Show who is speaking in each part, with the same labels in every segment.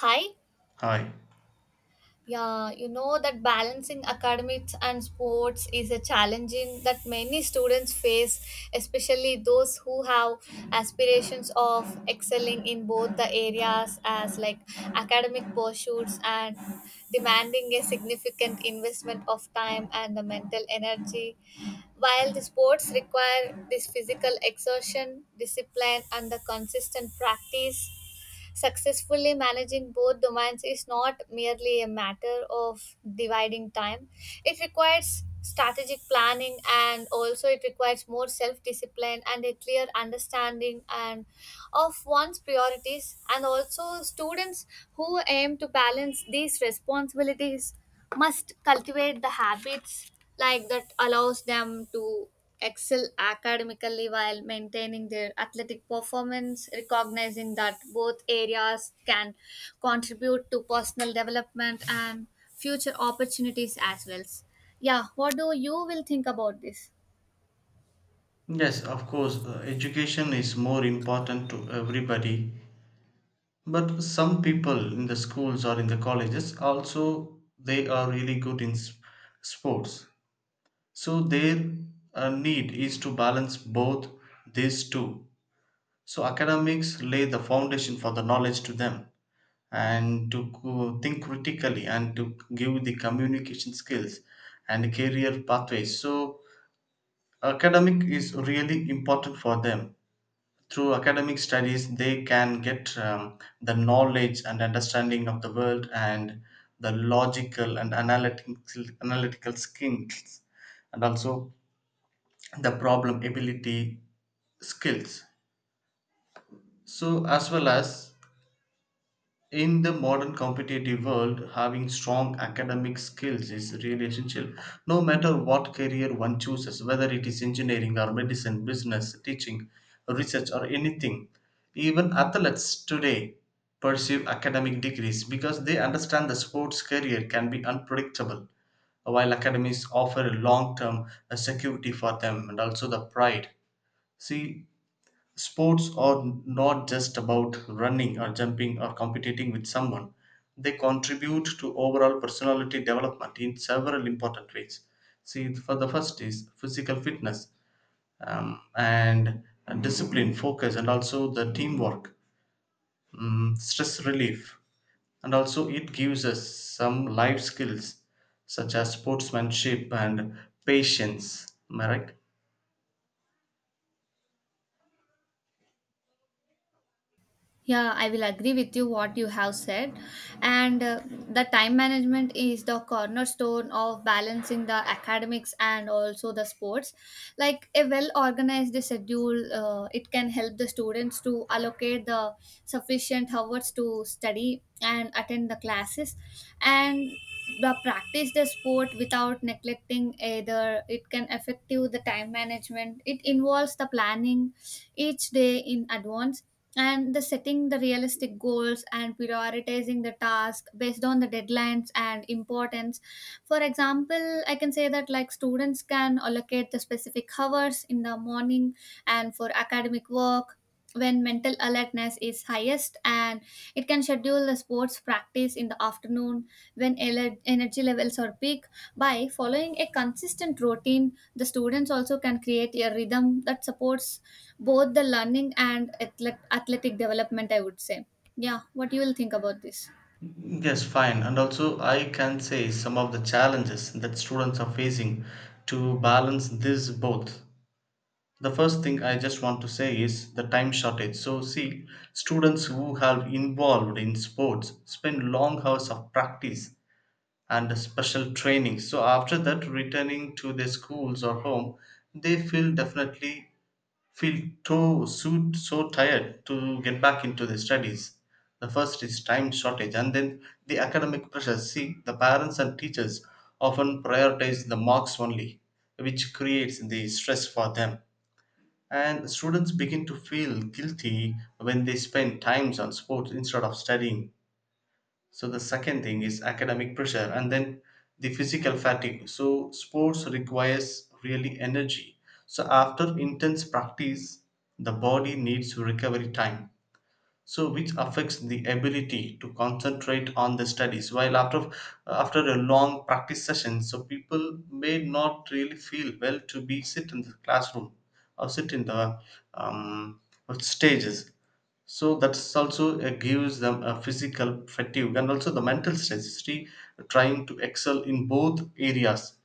Speaker 1: Hi.
Speaker 2: Hi.
Speaker 1: Yeah, you know that balancing academics and sports is a challenging that many students face, especially those who have aspirations of excelling in both the areas as like academic pursuits and demanding a significant investment of time and the mental energy, while the sports require this physical exertion, discipline and the consistent practice. Successfully managing both domains is not merely a matter of dividing time, it requires strategic planning and also it requires more self discipline and a clear understanding and of one's priorities and also students who aim to balance these responsibilities must cultivate the habits like that allows them to excel academically while maintaining their athletic performance, recognizing that both areas can contribute to personal development and future opportunities as well. Yeah, what do you will think about this?
Speaker 2: Yes, of course, education is more important to everybody, but some people in the schools or in the colleges also they are really good in sports. So their need is to balance both these two. So academics lay the foundation for the knowledge to them and to think critically and to give the communication skills and career pathways. So academic is really important for them through academic studies they can get the knowledge and understanding of the world and the logical and analytical skills and also the problem ability skills so as well as in the modern competitive world, having strong academic skills is really essential. No matter what career one chooses, whether it is engineering or medicine, business, teaching, research, or anything, even athletes today pursue academic degrees because they understand the sports career can be unpredictable, while academies offer a long term security for them and also the pride. See, sports are not just about running or jumping or competing with someone. They contribute to overall personality development in several important ways. See, for the first is physical fitness and discipline, focus, and also the teamwork, mm, stress relief, and also it gives us some life skills such as sportsmanship and patience. Am I right?
Speaker 1: Yeah, I will agree with you what you have said. And the time management is the cornerstone of balancing the academics and also the sports. Like a well organized schedule, it can help the students to allocate the sufficient hours to study and attend the classes and the practice the sport without neglecting either. It can affect you the time management. It involves the planning each day in advance and the setting the realistic goals and prioritizing the task based on the deadlines and importance. For example, I can say that like students can allocate the specific hours in the morning and for academic work when mental alertness is highest, and it can schedule the sports practice in the afternoon when energy levels are peak. By following a consistent routine, the students also can create a rhythm that supports both the learning and athletic development, I would say. Yeah, what you will think about this?
Speaker 2: Yes, fine. And also, I can say some of the challenges that students are facing to balance this both. The first thing I just want to say is the time shortage. So, see, students who have involved in sports spend long hours of practice and special training. So, after that, returning to their schools or home, they feel definitely feel too so, so tired to get back into the studies. The first is time shortage, and then the academic pressures. See, the parents and teachers often prioritize the marks only, which creates the stress for them. And students begin to feel guilty when they spend times on sports instead of studying. So the second thing is academic pressure and then the physical fatigue. So sports requires really energy. So after intense practice, the body needs recovery time. So which affects the ability to concentrate on the studies. While after a long practice session, so people may not really feel well to be sit in the classroom or sit in the um, stages, so that's also gives them a physical fatigue and also the mental stress. See, trying to excel in both areas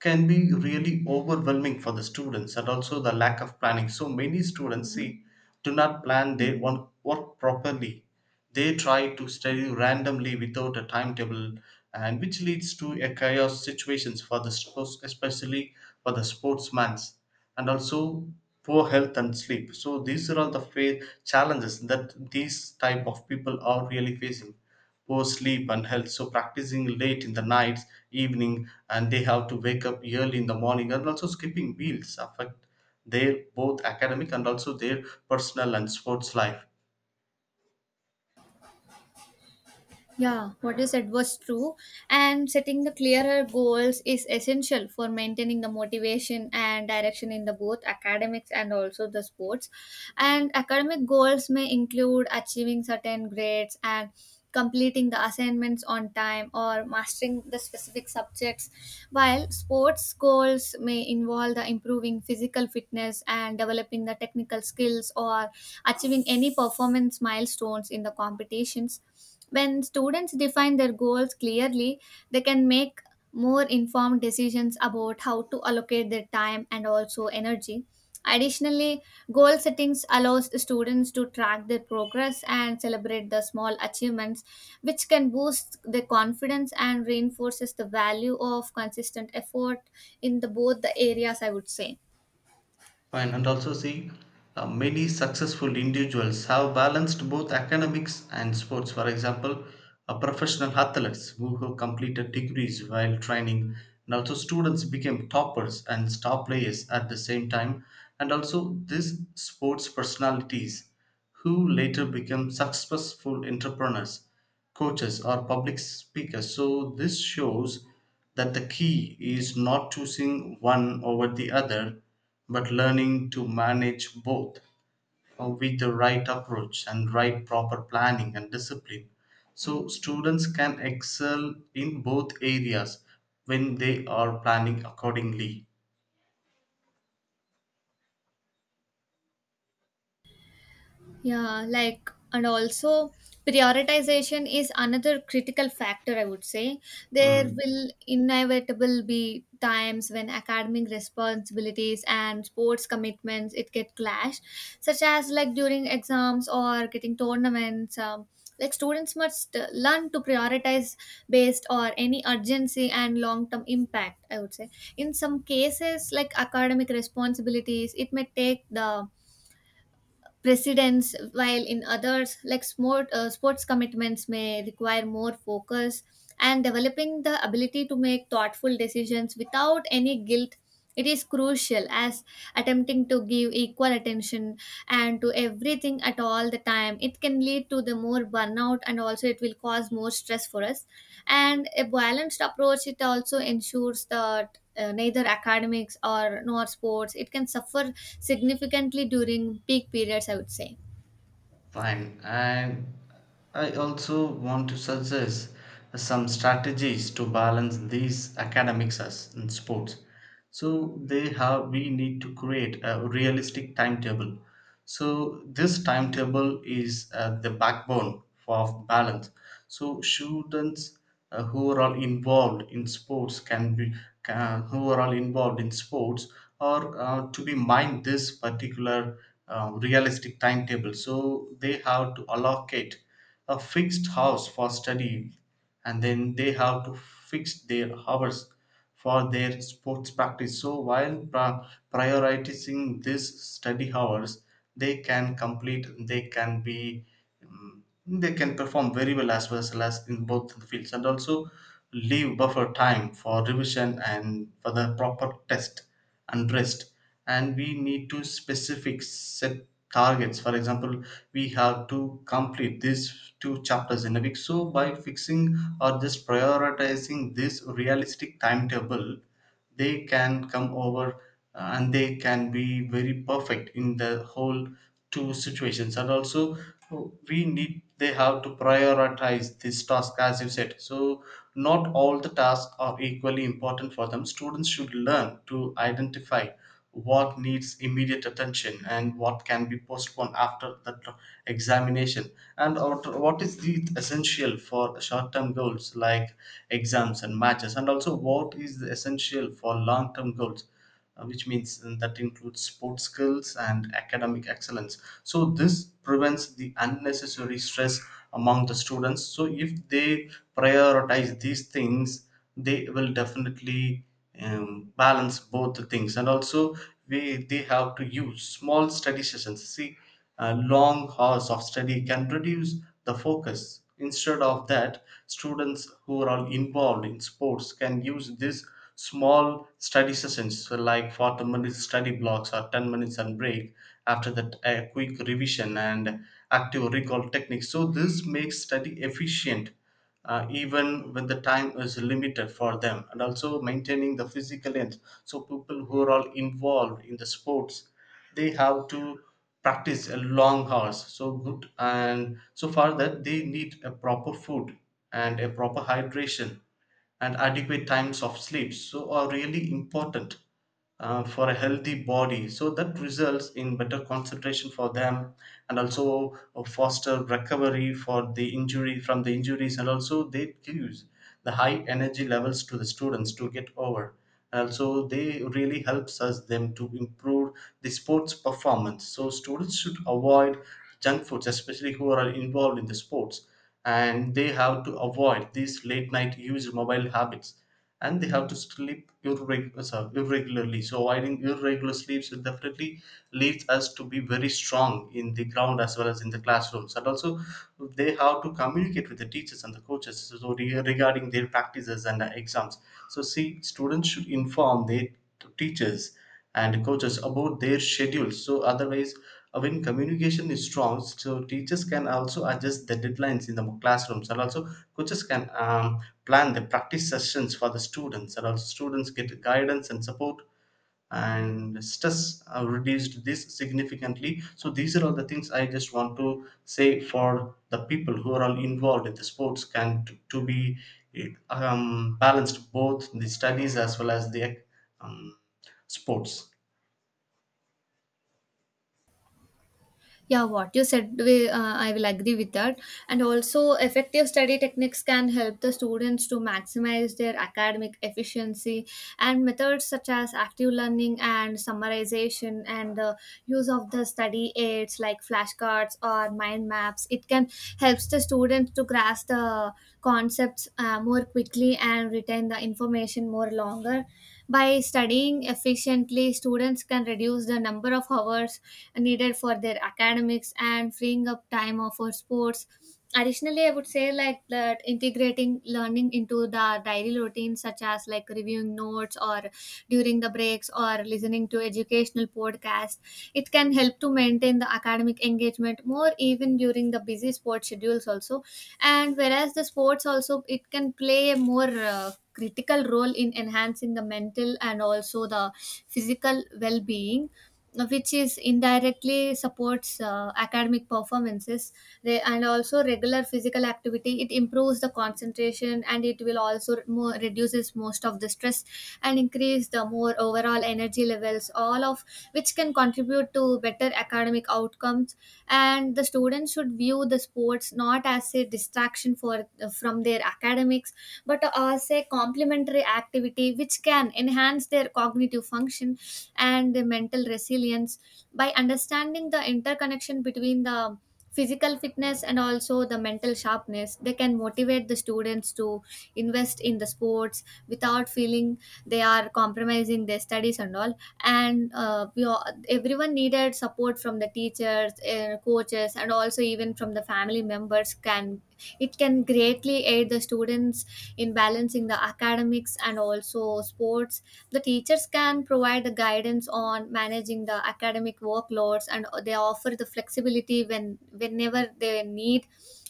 Speaker 2: can be really overwhelming for the students, and also the lack of planning. So many students see do not plan their one work properly, they try to study randomly without a timetable, and which leads to a chaos situations for the sports especially for the sportsmans, and also poor health and sleep. So these are all the challenges that these type of people are really facing. Poor sleep and health, so practicing late in the night evening and they have to wake up early in the morning and also skipping meals affect their both academic and also their personal and sports life.
Speaker 1: Yeah, what you said was true. And setting the clearer goals is essential for maintaining the motivation and direction in the both academics and also the sports. And academic goals may include achieving certain grades and completing the assignments on time or mastering the specific subjects, while sports goals may involve the improving physical fitness and developing the technical skills or achieving any performance milestones in the competitions. When students define their goals clearly, they can make more informed decisions about how to allocate their time and also energy. Additionally, goal settings allows students to track their progress and celebrate the small achievements, which can boost their confidence and reinforces the value of consistent effort in the both the areas, I would say.
Speaker 2: Fine, and also see, many successful individuals have balanced both academics and sports. For example, professional athletes who have completed degrees while training, and also students became toppers and star players at the same time, and also these sports personalities who later become successful entrepreneurs, coaches, or public speakers. So, this shows that the key is not choosing one over the other, but learning to manage both with the right approach and right proper planning and discipline. So, students can excel in both areas when they are planning accordingly.
Speaker 1: Yeah, like, and also prioritization is another critical factor, I would say. There
Speaker 2: Mm.
Speaker 1: will inevitable be times when academic responsibilities and sports commitments it get clashed, such as like during exams or getting tournaments. Like students must learn to prioritize based or any urgency and long-term impact, I would say. In some cases, like academic responsibilities it may take the precedence, while in others like sports commitments may require more focus, and developing the ability to make thoughtful decisions without any guilt, it is crucial, as attempting to give equal attention and to everything at all the time, it can lead to the more burnout and also it will cause more stress for us. And a balanced approach it also ensures that neither academics or nor sports it can suffer significantly during peak periods, I would say.
Speaker 2: Fine. And I also want to suggest some strategies to balance these academics as in sports. So they have we need to create a realistic timetable. So this timetable is the backbone of balance. So students who are all involved in sports can be can, who are all involved in sports or to be mind this particular realistic timetable. So they have to allocate a fixed hours for study, and then they have to fix their hours for their sports practice. So while prioritizing these study hours, they can complete, they can be, they can perform very well as in both the fields, and also leave buffer time for revision and for the proper test and rest. And we need to specific set targets, for example we have to complete these two chapters in a week, so by fixing or just prioritizing this realistic timetable they can come over and they can be very perfect in the whole two situations. And also we need they have to prioritize this task as you said. So not all the tasks are equally important for them, students should learn to identify what needs immediate attention and what can be postponed after the examination, and what is the essential for short-term goals like exams and matches, and also what is the essential for long-term goals, which means that includes sports skills and academic excellence. So this prevents the unnecessary stress among the students. So if they prioritize these things they will definitely balance both the things. And also we they have to use small study sessions. See, long hours of study can reduce the focus. Instead of that students who are all involved in sports can use this small study sessions, so like 40 minutes study blocks or 10 minutes and break, after that a quick revision and active recall techniques. So this makes study efficient even when the time is limited for them. And also maintaining the physical health, so people who are all involved in the sports they have to practice a long hours so good, and so for that they need a proper food and a proper hydration and adequate times of sleep so are really important for a healthy body, so that results in better concentration for them. And also foster recovery for the injury from the injuries, and also they use the high energy levels to the students to get over, and also they really helps us them to improve the sports performance. So students should avoid junk foods especially who are involved in the sports, and they have to avoid these late night use mobile habits, and they have to sleep irregularly. So avoiding irregular sleeps will definitely leads us to be very strong in the ground as well as in the classrooms. And also they have to communicate with the teachers and the coaches so regarding their practices and the exams. So see students should inform their teachers and coaches about their schedules, so otherwise when communication is strong so teachers can also adjust the deadlines in the classrooms, and also coaches can plan the practice sessions for the students, and also students get guidance and support and stress reduced this significantly. So these are all the things I just want to say for the people who are all involved in the sports can to be balanced both the studies as well as the um, sports.
Speaker 1: Yeah, what you said, I will agree with that. And also, effective study techniques can help the students to maximize their academic efficiency. And methods such as active learning and summarization and the use of the study aids like flashcards or mind maps, it can helps the students to grasp the concepts more quickly and retain the information more longer. By studying efficiently, students can reduce the number of hours needed for their academics and freeing up for sports. Additionally, I would say like that integrating learning into the daily routine, such as like reviewing notes or during the breaks or listening to educational podcasts, it can help to maintain the academic engagement more even during the busy sports schedules also. And whereas the sports also it can play a more critical role in enhancing the mental and also the physical well-being, which is indirectly supports academic performances. And also regular physical activity it improves the concentration and it will also more reduces most of the stress and increase the more overall energy levels, all of which can contribute to better academic outcomes. And the students should view the sports not as a distraction for from their academics but as a complementary activity which can enhance their cognitive function and the mental resilience. By understanding the interconnection between the physical fitness and also the mental sharpness, they can motivate the students to invest in the sports without feeling they are compromising their studies and all. And everyone needed support from the teachers, coaches and also even from the family members, can it can greatly aid the students in balancing the academics and also sports. The teachers can provide the guidance on managing the academic workloads, and they offer the flexibility whenever they need,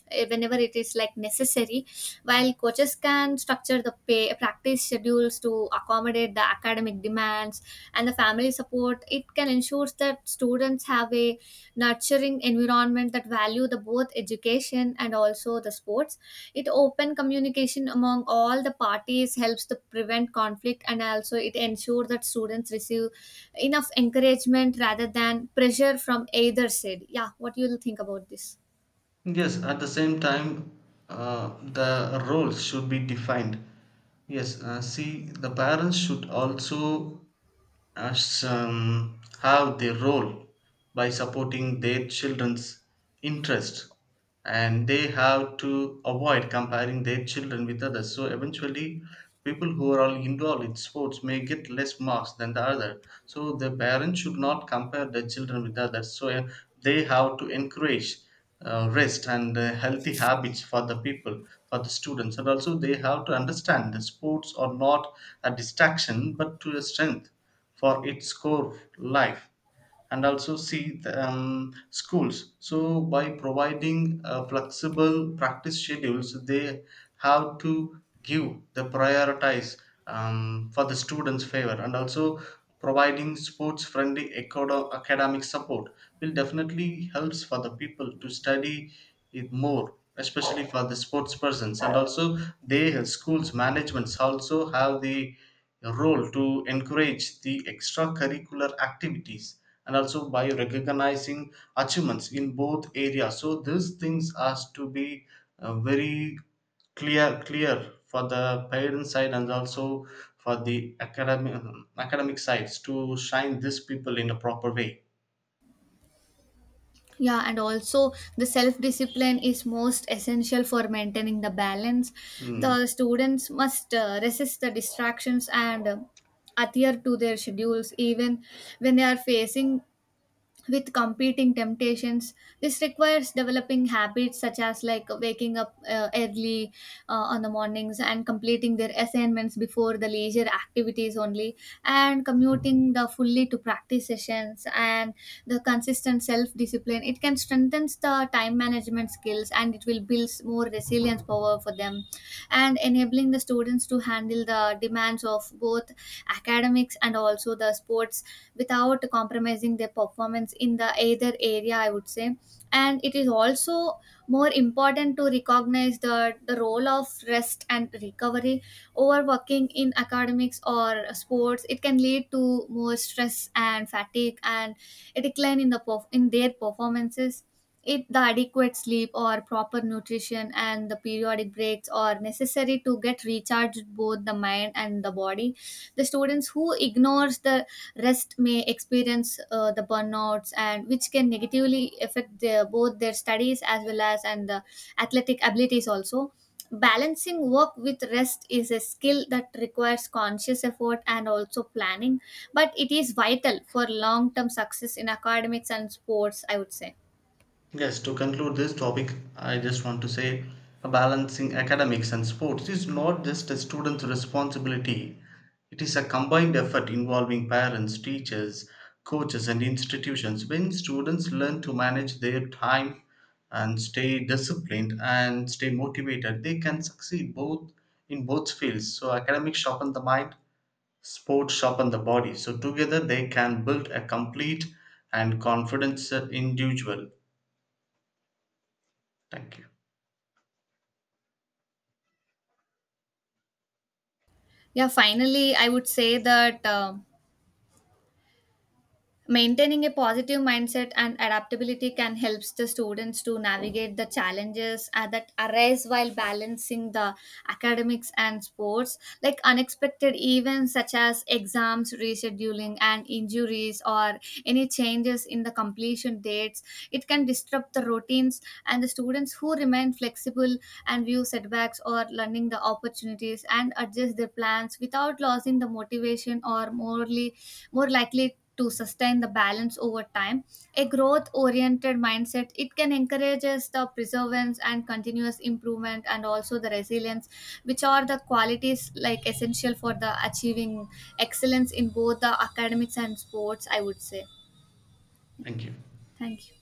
Speaker 1: eh, whenever it is like necessary, while coaches can structure the practice schedules to accommodate the academic demands. And the family support it can ensure that students have a nurturing environment that value the both education and also the sports. It open communication among all the parties helps to prevent conflict, and also it ensures that students receive enough encouragement rather than pressure from either side. Yeah, what do you will think about this?
Speaker 2: Yes, at the same time, the roles should be defined. Yes, see, the parents should also as have their role by supporting their children's interest, and they have to avoid comparing their children with others. So eventually people who are all involved in sports may get less marks than the other, so the parents should not compare their children with others. So they have to encourage rest and healthy habits for the people for the students, and also they have to understand that sports are not a distraction but to a strength for its core life. And also see the schools, so by providing flexible practice schedules they have to give the prioritize for the students favor, and also providing sports friendly academic support will definitely helps for the people to study it more especially for the sports persons. And also they schools managements also have the role to encourage the extracurricular activities, and also by recognizing achievements in both areas. So these things has to be very clear for the parent side, and also for the academic sides to shine these people in a proper way.
Speaker 1: Yeah, and also the self discipline is most essential for maintaining the balance.
Speaker 2: Mm.
Speaker 1: The students must resist the distractions and adhere to their schedules even when they are facing with competing temptations. This requires developing habits such as like waking up early on the mornings and completing their assignments before the leisure activities only and commuting the fully to practice sessions. And the consistent self discipline it can strengthen the time management skills and it will build more resilience power for them, and enabling the students to handle the demands of both academics and also the sports without compromising their performance in the either area, I would say. And it is also more important to recognize the role of rest and recovery. Overworking in academics or sports it can lead to more stress and fatigue and a decline in the in their performances. It the adequate sleep or proper nutrition and the periodic breaks are necessary to get recharged both the mind and the body. The students who ignores the rest may experience the burnouts, and which can negatively affect both their studies as well as and the athletic abilities also. Balancing work with rest is a skill that requires conscious effort and also planning, but it is vital for long term success in academics and sports, I would say.
Speaker 2: Yes, to conclude this topic, I just want to say balancing academics and sports is not just a student's responsibility, it is a combined effort involving parents, teachers, coaches, and institutions. When students learn to manage their time and stay disciplined and stay motivated, they can succeed both in both fields. So, academics sharpen the mind, sports sharpen the body. So, together they can build a complete and confident individual. Thank you.
Speaker 1: Yeah, finally I would say that maintaining a positive mindset and adaptability can help the students to navigate the challenges that arise while balancing the academics and sports. Like unexpected events such as exams, rescheduling, and injuries, or any changes in the completion dates, it can disrupt the routines. And the students who remain flexible and view setbacks or learning the opportunities and adjust their plans without losing the motivation or morally more likely to sustain the balance over time. A growth oriented mindset it can encourages the perseverance and continuous improvement and also the resilience, which are the qualities like essential for the achieving excellence in both the academics and sports, I would say.
Speaker 2: Thank you.
Speaker 1: Thank you.